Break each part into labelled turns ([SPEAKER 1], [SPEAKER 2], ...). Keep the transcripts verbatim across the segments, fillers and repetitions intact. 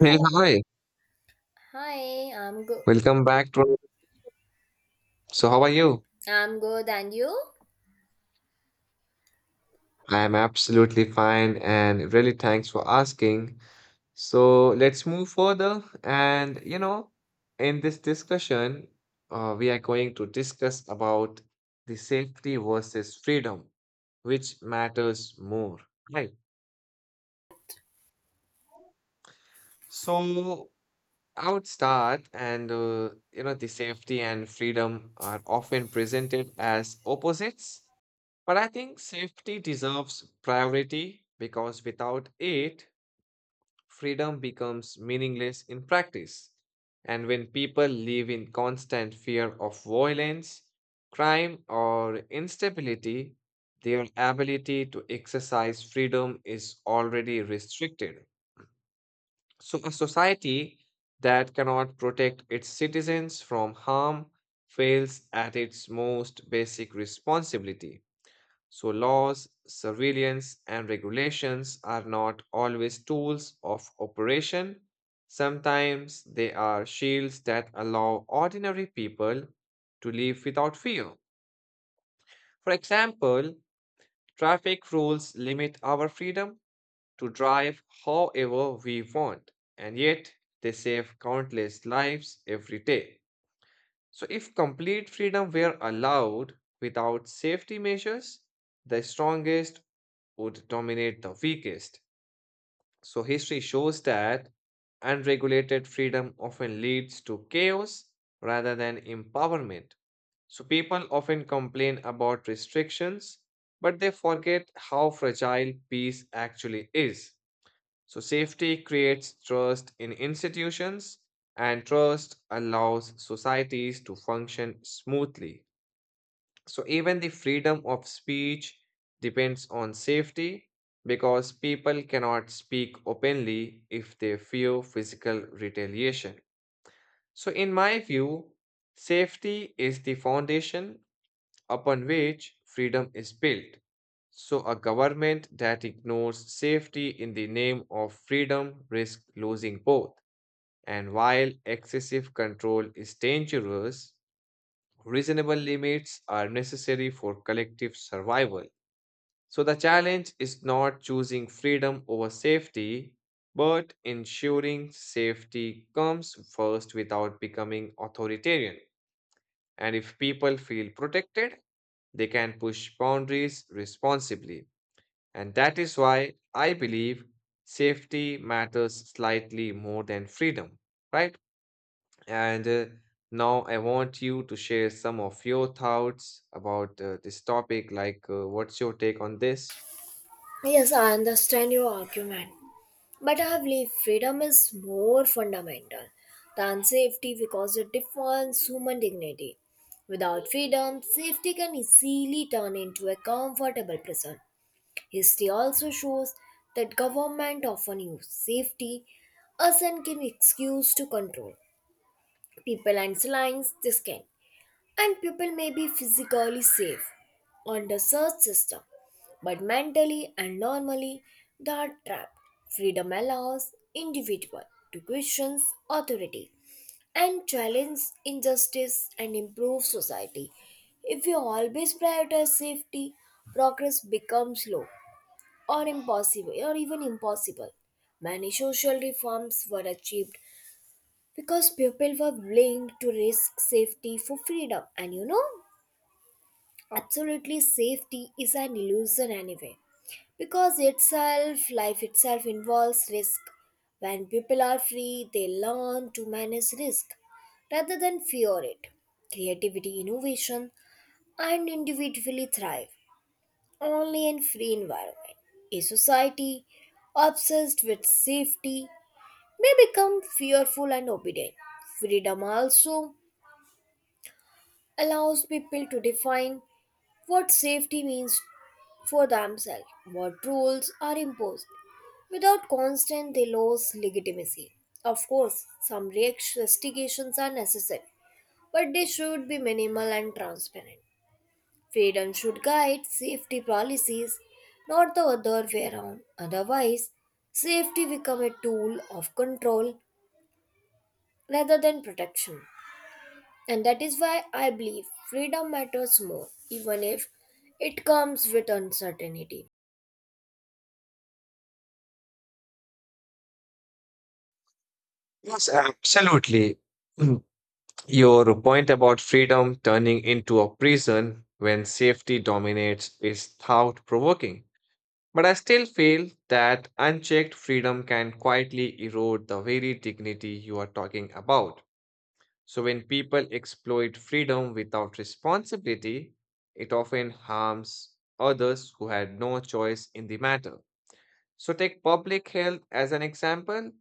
[SPEAKER 1] Hey,
[SPEAKER 2] Hello.
[SPEAKER 1] hi.
[SPEAKER 2] Hi, I'm good.
[SPEAKER 1] Welcome back to. So, how are you?
[SPEAKER 2] I'm good, and you?
[SPEAKER 1] I am absolutely fine and really thanks for asking. So, let's move further. And, you know, in this discussion, uh, we are going to discuss about the safety versus freedom, which matters more, right? So, I would start, and, uh, you know, the safety and freedom are often presented as opposites. But I think safety deserves priority because without it, freedom becomes meaningless in practice. And when people live in constant fear of violence, crime, or instability, their ability to exercise freedom is already restricted. So, a society that cannot protect its citizens from harm fails at its most basic responsibility. So, laws, surveillance, and regulations are not always tools of operation. Sometimes they are shields that allow ordinary people to live without fear. For example, traffic rules limit our freedom to drive however we want, and yet they save countless lives every day. So, if complete freedom were allowed without safety measures, the strongest would dominate the weakest. So history shows that unregulated freedom often leads to chaos rather than empowerment. So people often complain about restrictions, but they forget how fragile peace actually is. So safety creates trust in institutions, and trust allows societies to function smoothly. So even the freedom of speech depends on safety because people cannot speak openly if they fear physical retaliation. So in my view, safety is the foundation upon which freedom is built. So a government that ignores safety in the name of freedom risks losing both. And while excessive control is dangerous, reasonable limits are necessary for collective survival. So the challenge is not choosing freedom over safety, but ensuring safety comes first without becoming authoritarian. And if people feel protected, they can push boundaries responsibly. And that is why I believe safety matters slightly more than freedom, right? And uh, now I want you to share some of your thoughts about uh, this topic. Like, uh, what's your take on this?
[SPEAKER 2] Yes, I understand your argument, but I believe freedom is more fundamental than safety because it defines human dignity. Without freedom, safety can easily turn into a comfortable prison. History also shows that government often use safety as an excuse to control people and silence this can. And people may be physically safe on the search system, but mentally and normally they are trapped. Freedom allows individual to question authority and challenge injustice and improve society. If we always prioritize safety, progress becomes slow or impossible or even impossible. Many social reforms were achieved because people were willing to risk safety for freedom and you know absolutely, safety is an illusion anyway, because itself, life itself involves risk. When people are free, they learn to manage risk rather than fear it. Creativity, innovation, and individually thrive only in free environment. A society obsessed with safety may become fearful and obedient. Freedom also allows people to define what safety means for themselves. What rules are imposed. Without constant, they lose legitimacy. Of course, some restrictions are necessary, but they should be minimal and transparent. Freedom should guide safety policies, not the other way around. Otherwise, safety become a tool of control rather than protection. And that is why I believe freedom matters more, even if it comes with uncertainty.
[SPEAKER 1] Yes, absolutely. Your point about freedom turning into a prison when safety dominates is thought-provoking. But I still feel that unchecked freedom can quietly erode the very dignity you are talking about. So, when people exploit freedom without responsibility, it often harms others who had no choice in the matter. So, take public health as an example.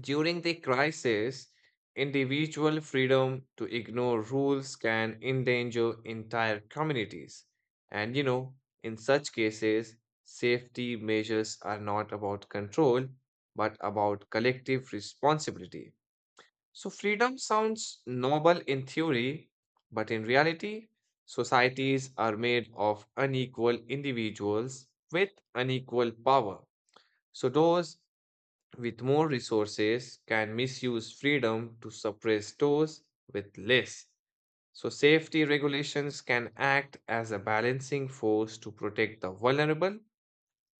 [SPEAKER 1] During the crisis, individual freedom to ignore rules can endanger entire communities. And you know, in such cases, safety measures are not about control, but about collective responsibility. So, freedom sounds noble in theory, but in reality, societies are made of unequal individuals with unequal power. So, those with more resources can misuse freedom to suppress those with less. So, safety regulations can act as a balancing force to protect the vulnerable.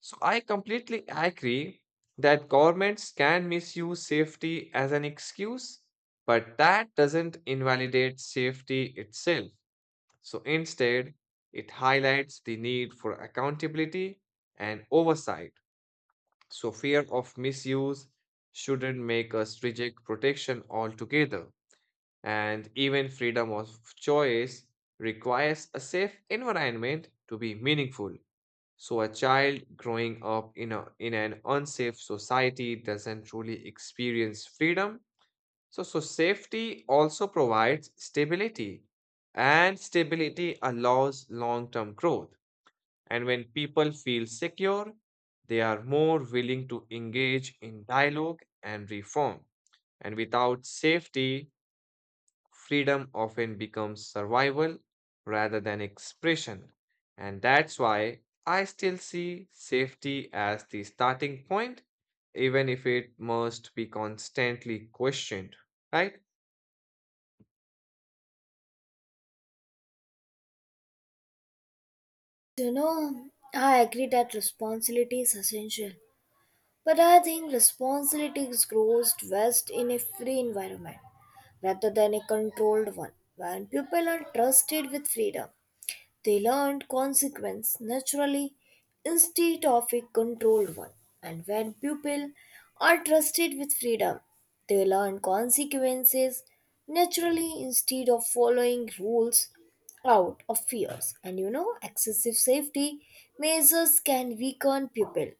[SPEAKER 1] So I completely agree that governments can misuse safety as an excuse, but that doesn't invalidate safety itself. So instead, it highlights the need for accountability and oversight. So fear of misuse shouldn't make us reject protection altogether. And even freedom of choice requires a safe environment to be meaningful. So a child growing up in a in an unsafe society doesn't truly experience freedom. So, so safety also provides stability, and stability allows long-term growth. And when people feel secure, they are more willing to engage in dialogue and reform. And without safety, freedom often becomes survival rather than expression. And that's why I still see safety as the starting point, even if it must be constantly questioned, right?
[SPEAKER 2] You know, I agree that responsibility is essential, but I think responsibility grows best in a free environment rather than a controlled one. When people are trusted with freedom, they learned consequence naturally instead of a controlled one. And when pupils are trusted with freedom, they learn consequences naturally instead of following rules out of fears. And you know, excessive safety measures can weaken pupil'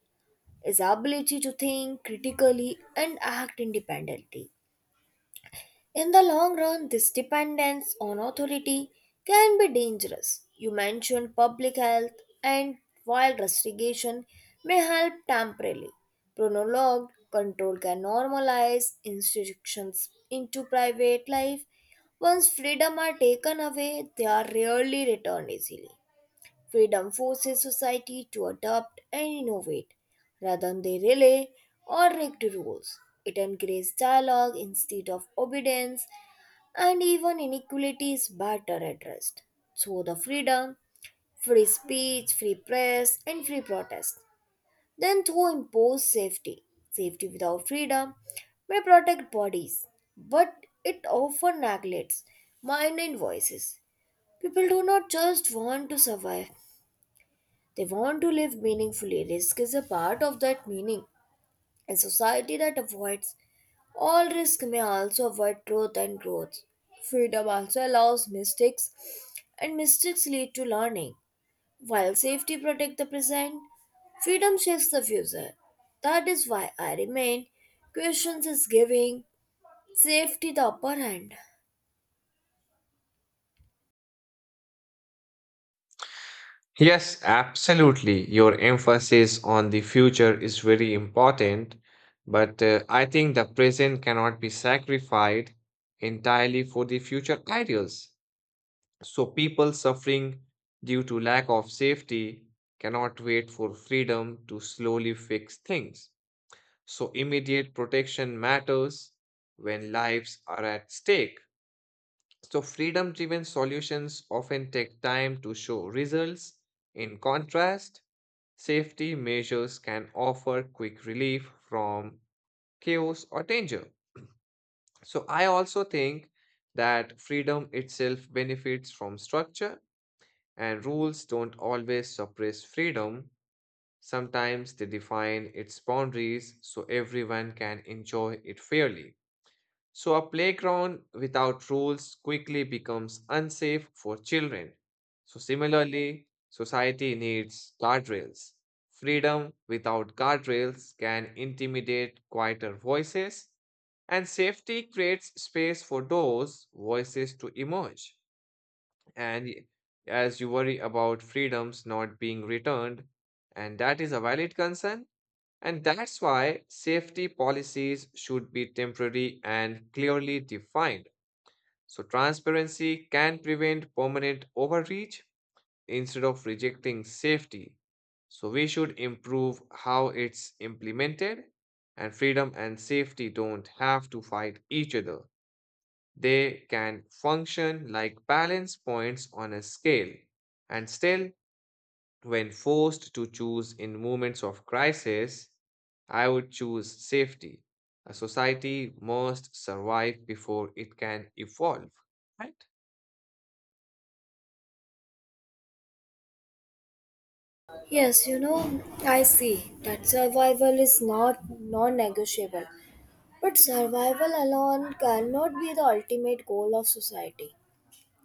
[SPEAKER 2] ability to think critically and act independently. In the long run, this dependence on authority can be dangerous. You mentioned public health, and while restriction may help temporarily, prolonged control can normalize institutions into private life. Once freedom are taken away, they are rarely returned easily. Freedom forces society to adapt and innovate rather than they rely on rigged rules. It encourages dialogue instead of obedience, and even inequality is better addressed. Through the freedom, free speech, free press, and free protest, then through imposed safety. Safety without freedom may protect bodies, but it often neglects mind and voices. People do not just want to survive, they want to live meaningfully. Risk is a part of that meaning. A society that avoids all risk may also avoid growth and growth. Freedom also allows mistakes, and mistakes lead to learning. While safety protects the present, freedom shapes the future. That is why I remain questions is giving safety the upper hand.
[SPEAKER 1] Yes, absolutely. Your emphasis on the future is very important, but uh, I think the present cannot be sacrificed entirely for the future ideals. So people suffering due to lack of safety cannot wait for freedom to slowly fix things. So immediate protection matters when lives are at stake. So freedom driven solutions often take time to show results. In contrast, safety measures can offer quick relief from chaos or danger. So I also think that freedom itself benefits from structure. And rules don't always suppress freedom, sometimes they define its boundaries so everyone can enjoy it fairly. So, a playground without rules quickly becomes unsafe for children. So, similarly, society needs guardrails. Freedom without guardrails can intimidate quieter voices, and safety creates space for those voices to emerge and y- as you worry about freedoms not being returned, and that is a valid concern. And that's why safety policies should be temporary and clearly defined. So, transparency can prevent permanent overreach instead of rejecting safety. So, we should improve how it's implemented, and freedom and safety don't have to fight each other. They can function like balance points on a scale. And still, when forced to choose in moments of crisis, I would choose safety. A society must survive before it can evolve, right?
[SPEAKER 2] Yes, you know, I see that survival is not non negotiable. But survival alone cannot be the ultimate goal of society.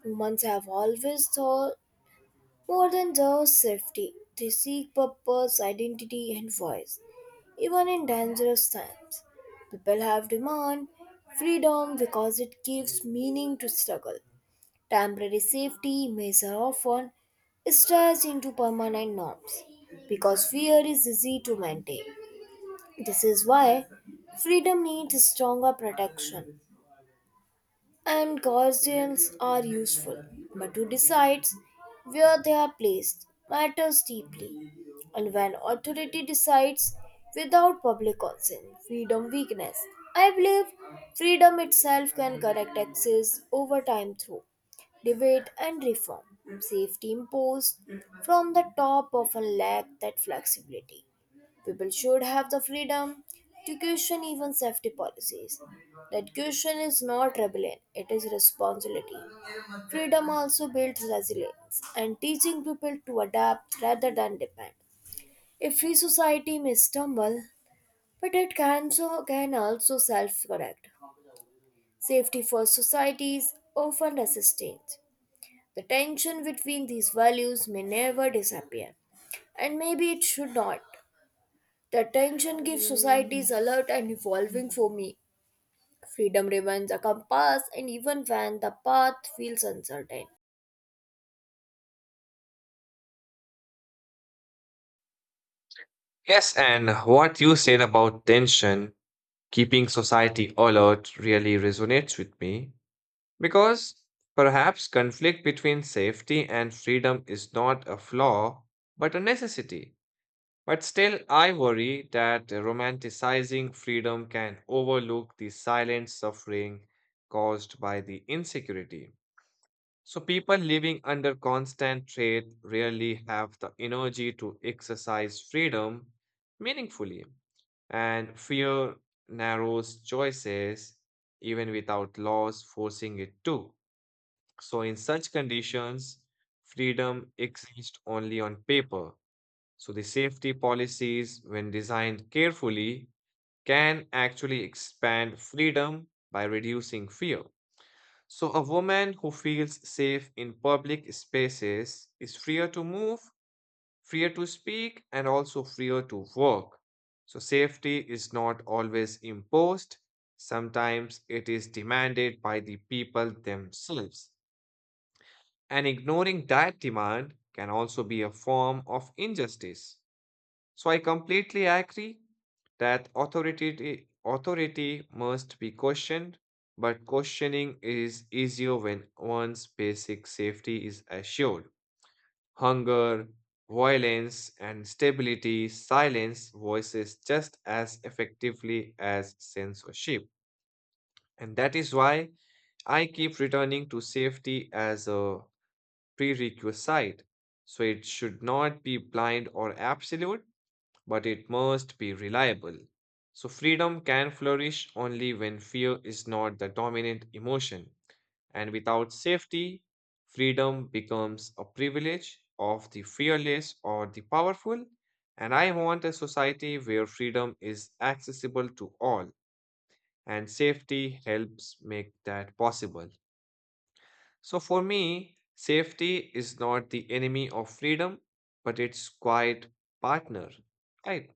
[SPEAKER 2] Humans have always thought more than just safety, they seek purpose, identity, and voice. Even in dangerous times, people have demand freedom because it gives meaning to struggle. Temporary safety measures are often stretched into permanent norms because fear is easy to maintain. This is why freedom needs stronger protection and guardians are useful, but who decides where they are placed matters deeply. And when authority decides without public consent, freedom weakness. I believe freedom itself can correct excess over time through debate and reform. Safety imposed from the top often lack that flexibility. People should have the freedom to question even safety policies. That question is not rebellion, it is responsibility. Freedom also builds resilience and teaching people to adapt rather than depend. A free society may stumble, but it can, so, can also self correct. Safety first societies often resist change. The tension between these values may never disappear, and maybe it should not. The tension gives societies alert and evolving for me. Freedom remains a compass, and even when the path feels uncertain.
[SPEAKER 1] Yes, and what you said about tension, keeping society alert, really resonates with me because perhaps conflict between safety and freedom is not a flaw but a necessity. But still, I worry that romanticizing freedom can overlook the silent suffering caused by the insecurity. So, people living under constant threat rarely have the energy to exercise freedom meaningfully, and fear narrows choices even without laws forcing it to. So, in such conditions, freedom exists only on paper. So the safety policies, when designed carefully, can actually expand freedom by reducing fear. So, a woman who feels safe in public spaces is freer to move, freer to speak, and also freer to work. So, safety is not always imposed, sometimes it is demanded by the people themselves. And ignoring that demand can also be a form of injustice. So I completely agree that authority authority must be questioned, but questioning is easier when one's basic safety is assured. Hunger, violence, and stability silence voices just as effectively as censorship. And that is why I keep returning to safety as a prerequisite. So it should not be blind or absolute but it must be reliable. So, freedom can flourish only when fear is not the dominant emotion. And without safety, freedom becomes a privilege of the fearless or the powerful. And I want a society where freedom is accessible to all, and safety helps make that possible. So, for me, safety is not the enemy of freedom, but its quiet partner, right?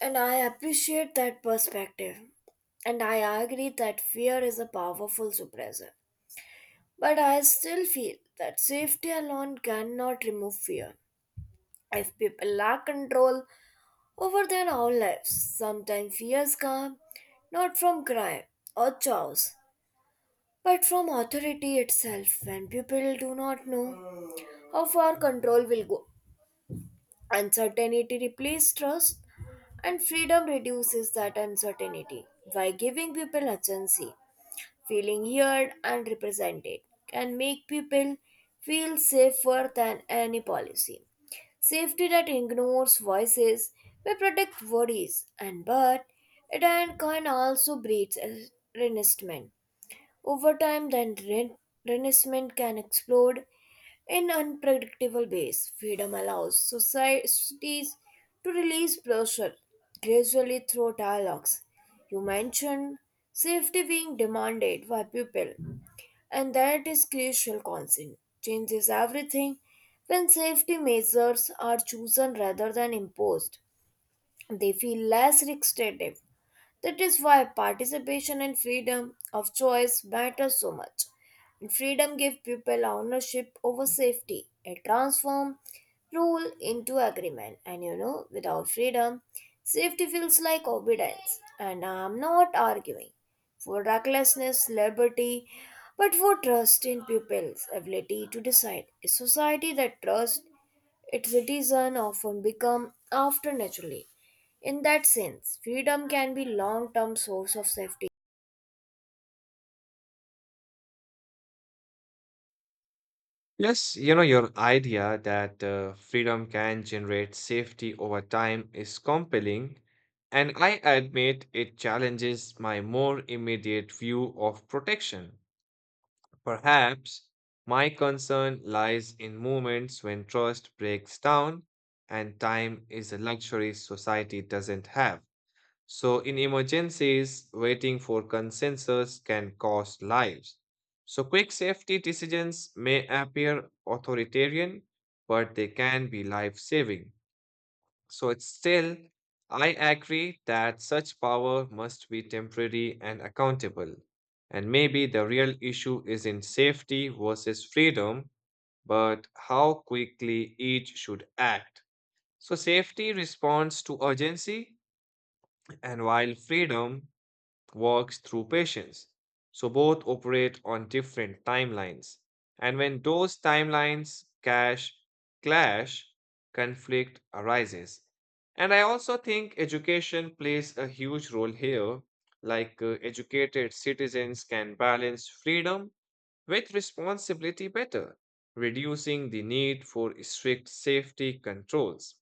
[SPEAKER 2] And I appreciate that perspective. And I agree that fear is a powerful suppressor. But I still feel that safety alone cannot remove fear. If people lack control over their own lives, sometimes fears come not from crime or chaos, but from authority itself when people do not know how far control will go. Uncertainty replaces trust, and freedom reduces that uncertainty by giving people agency, feeling heard and represented, can make people feel safer than any policy. Safety that ignores voices may protect worries, and but it and can also breed resentment. Over time, the Ren- Renaissance can explode in unpredictable ways. Freedom allows societies to release pressure gradually through dialogues. You mentioned safety being demanded by people, and that is crucial concern. Changes everything when safety measures are chosen rather than imposed. They feel less restrictive that is why participation and freedom of choice matter so much. And freedom gives people ownership over safety. It transforms rule into agreement. And you know, without freedom, safety feels like obedience. And I'm not arguing for recklessness, liberty, but for trust in people's ability to decide. A society that trusts its citizens often become after naturally. In that sense, freedom can be long-term source of safety.
[SPEAKER 1] Yes, you know, your idea that uh, freedom can generate safety over time is compelling, and I admit it challenges my more immediate view of protection. Perhaps my concern lies in moments when trust breaks down and time is a luxury society doesn't have. So, in emergencies, waiting for consensus can cost lives. So, quick safety decisions may appear authoritarian, but they can be life saving. So, it's still, I agree that such power must be temporary and accountable. And maybe the real issue is in safety versus freedom, but how quickly each should act. So, safety responds to urgency, and while freedom works through patients. So both operate on different timelines. And when those timelines clash, clash, conflict arises. And I also think education plays a huge role here. Like uh, educated citizens can balance freedom with responsibility better, reducing the need for strict safety controls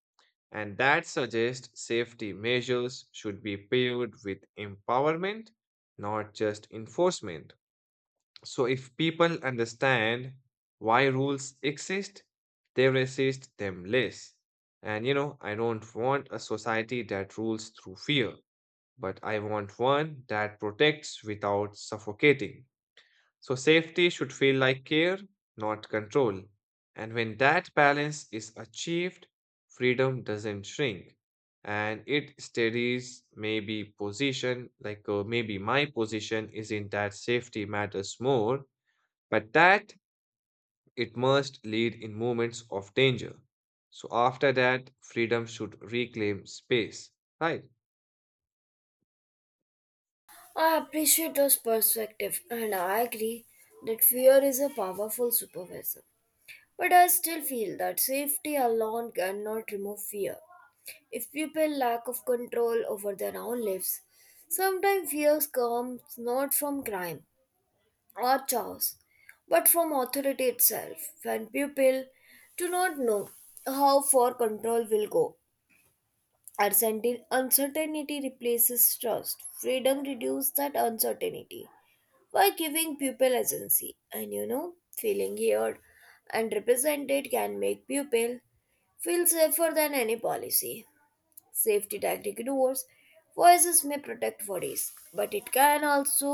[SPEAKER 1] and that suggests safety measures should be paired with empowerment, not just enforcement. So, if people understand why rules exist, they resist them less. And you know, I don't want a society that rules through fear, but I want one that protects without suffocating. So, safety should feel like care, not control. And when that balance is achieved, freedom doesn't shrink and it steadies maybe position, like uh, maybe my position is in that safety matters more, but that it must lead in moments of danger. So, after that, freedom should reclaim space, right?
[SPEAKER 2] I appreciate this perspective and I agree that fear is a powerful supervisor. But I still feel that safety alone cannot remove fear. If people lack of control over their own lives, sometimes fear comes not from crime or chores, but from authority itself. When people do not know how far control will go, uncertain- uncertainty replaces trust. Freedom reduces that uncertainty by giving people agency, and you know, feeling heard and represented can make people feel safer than any policy. Safety tactic doors. Voices may protect bodies, but it can also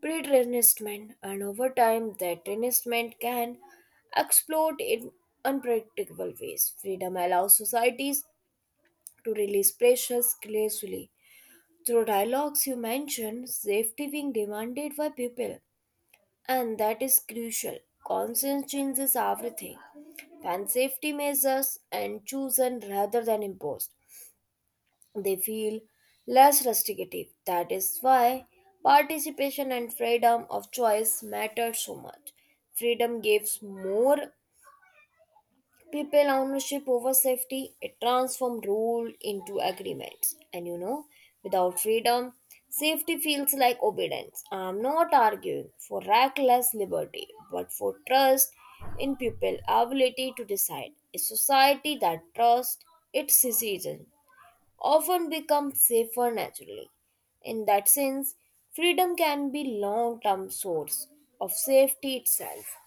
[SPEAKER 2] breed resentment, and over time, that resentment can explode in unpredictable ways. Freedom allows societies to release pressures gracefully. Through dialogues you mentioned, safety being demanded by people, and that is crucial. Conscience changes everything. When safety measures and chosen rather than imposed, they feel less restrictive. That is why participation and freedom of choice matter so much. Freedom gives more people ownership over safety, it transforms rule into agreements. And you know, without freedom, safety feels like obedience. I'm not arguing for reckless liberty, but for trust in people's ability to decide. A society that trusts its citizens often become safer naturally. In that sense, freedom can be long term source of safety itself.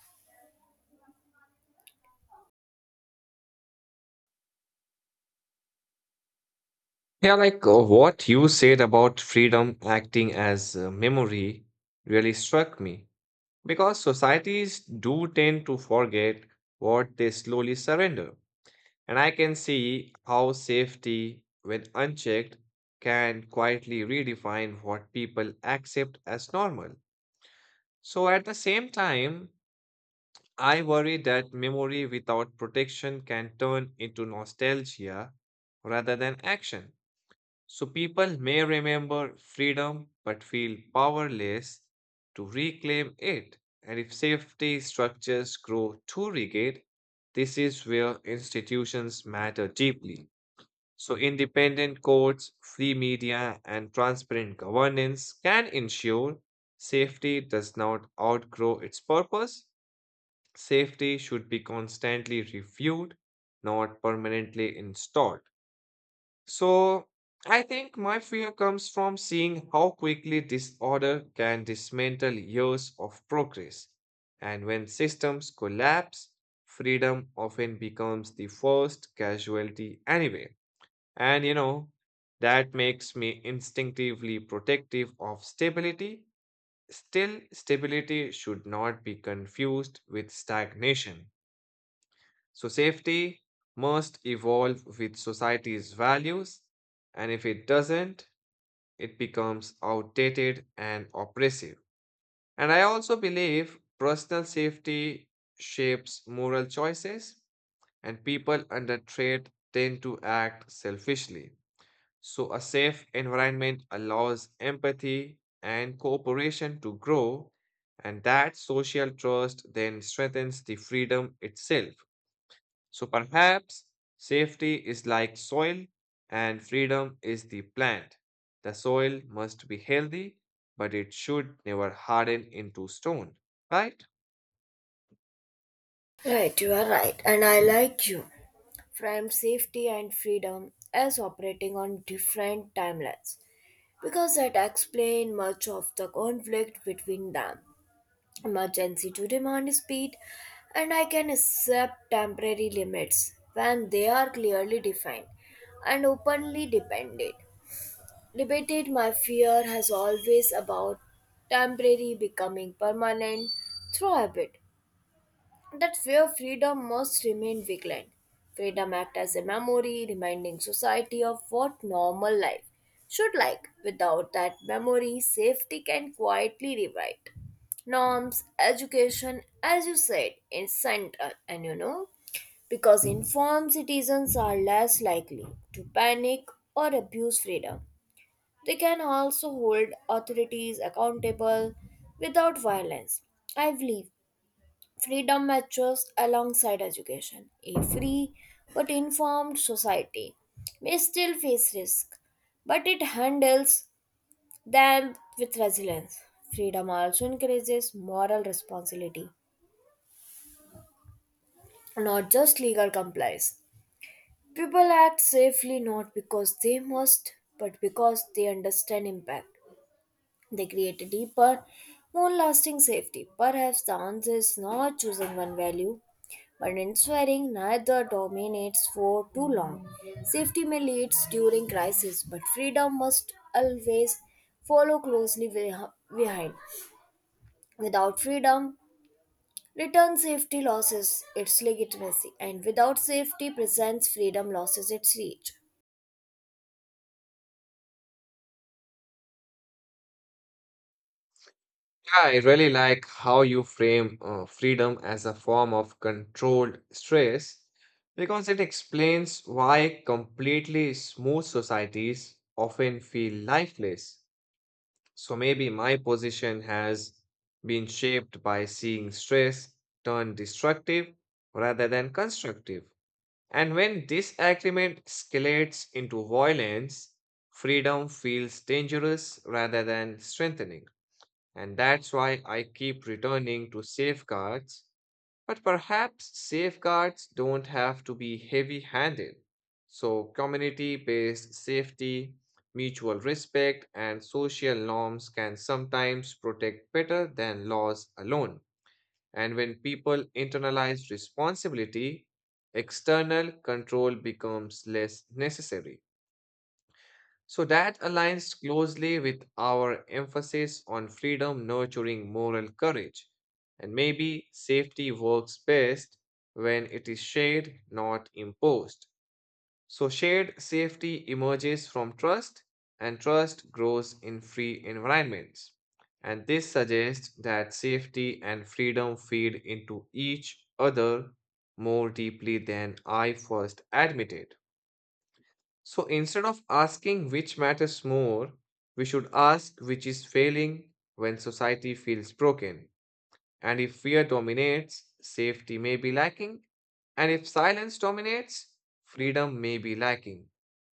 [SPEAKER 1] Yeah, like uh, what you said about freedom acting as uh, memory really struck me because societies do tend to forget what they slowly surrender. And I can see how safety, when unchecked, can quietly redefine what people accept as normal. So at the same time, I worry that memory without protection can turn into nostalgia rather than action. So people may remember freedom but feel powerless to reclaim it. And if safety structures grow too rigid, this is where institutions matter deeply. So independent courts, free media, and transparent governance can ensure safety does not outgrow its purpose. Safety should be constantly reviewed, not permanently installed. So I think my fear comes from seeing how quickly disorder can dismantle years of progress. And when systems collapse, freedom often becomes the first casualty anyway. And you know, that makes me instinctively protective of stability. Still, stability should not be confused with stagnation. So, safety must evolve with society's values, and if it doesn't, it becomes outdated and oppressive. And I also believe personal safety shapes moral choices, and people under threat tend to act selfishly. So, a safe environment allows empathy and cooperation to grow, and that social trust then strengthens the freedom itself. So perhaps safety is like soil and freedom is the plant. The soil must be healthy, but it should never harden into stone, right?
[SPEAKER 2] Right, you are right, and I like you. Framed safety and freedom as operating on different timelines because that explains much of the conflict between them. Emergency to demand speed, and I can accept temporary limits when they are clearly defined and openly depended. Debated my fear has always about temporary becoming permanent through habit. That's where freedom must remain vigilant. Freedom acts as a memory, reminding society of what normal life should like. Without that memory, safety can quietly rewrite norms, education, as you said, in central, and you know, because informed citizens are less likely to panic or abuse freedom. They can also hold authorities accountable without violence. I believe freedom matures alongside education. A free but informed society may still face risk, but it handles them with resilience. Freedom also encourages moral responsibility, not just legal compliance. People act safely not because they must, but because they understand impact. They create a deeper, more lasting safety. Perhaps the answer is not choosing one value, but ensuring neither dominates for too long. Safety may lead during crisis, but freedom must always follow closely beh- behind. Without freedom, return safety loses its legitimacy, and without safety, presents freedom loses its reach.
[SPEAKER 1] Yeah, I really like how you frame uh, freedom as a form of controlled stress because it explains why completely smooth societies often feel lifeless. So maybe my position has been shaped by seeing stress turn destructive rather than constructive. And when disagreement escalates into violence, freedom feels dangerous rather than strengthening. And that's why I keep returning to safeguards. But perhaps safeguards don't have to be heavy handed. So, community based safety, mutual respect, and social norms can sometimes protect better than laws alone. And when people internalize responsibility, external control becomes less necessary. So that aligns closely with our emphasis on freedom nurturing moral courage. And maybe safety works best when it is shared, not imposed. So shared safety emerges from trust, and trust grows in free environments. And this suggests that safety and freedom feed into each other more deeply than I first admitted. So instead of asking which matters more, we should ask which is failing when society feels broken. And if fear dominates, safety may be lacking. And if silence dominates, freedom may be lacking.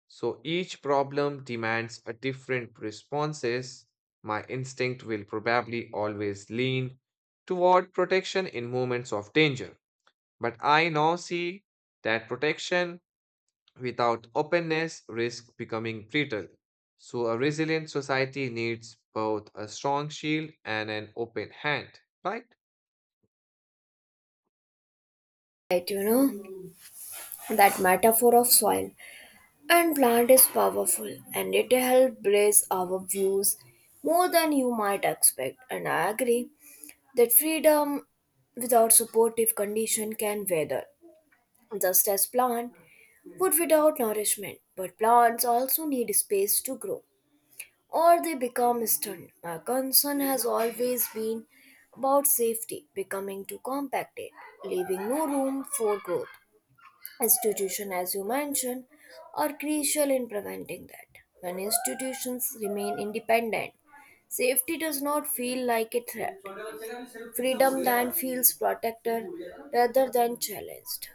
[SPEAKER 1] So each problem demands a different responses. My instinct will probably always lean toward protection in moments of danger. But I now see that protection without openness, risk becoming brittle. So, a resilient society needs both a strong shield and an open hand, right?
[SPEAKER 2] Right, you know, that metaphor of soil. And plant is powerful and it helps blaze our views more than you might expect. And I agree that freedom without supportive condition can wither, just as plant would without nourishment. But plants also need space to grow or they become stunted. My concern has always been about safety becoming too compacted, leaving no room for growth institution as you mentioned are crucial in preventing that when institutions remain independent safety does not feel like a threat freedom then feels protected rather than challenged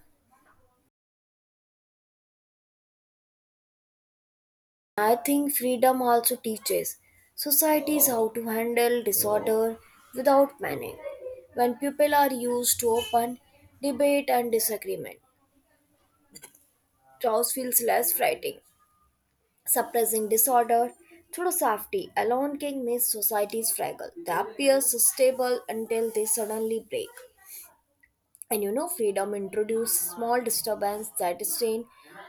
[SPEAKER 2] I think freedom also teaches societies how to handle disorder without panic when people are used to open debate and disagreement chaos feels less frightening suppressing disorder through safety alone can make societies fragile. They appear stable until they suddenly break. And you know, freedom introduces small disturbance that strain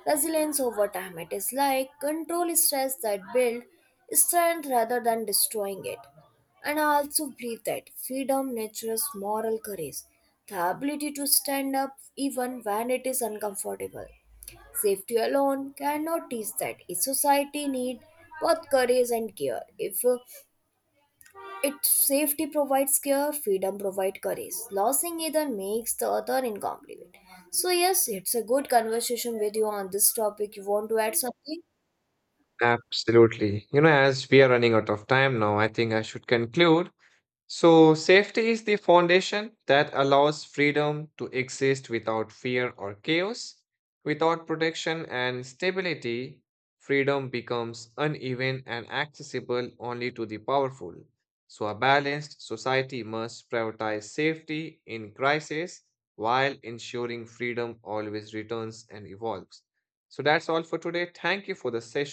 [SPEAKER 2] resilience over time. It is like control stress that build strength rather than destroying it. And I also believe that freedom nurtures moral courage, the ability to stand up even when it is uncomfortable. Safety alone cannot teach that. A society need both courage and care. If uh, Its safety provides care, freedom provides courage. Losing either makes the other incomplete. So yes, it's a good conversation with you on this topic. You want to add something?
[SPEAKER 1] Absolutely. You know, as we are running out of time now, I think I should conclude. So, safety is the foundation that allows freedom to exist without fear or chaos. Without protection and stability, freedom becomes uneven and accessible only to the powerful. So, a balanced society must prioritize safety in crisis while ensuring freedom always returns and evolves. So, that's all for today. Thank you for the session.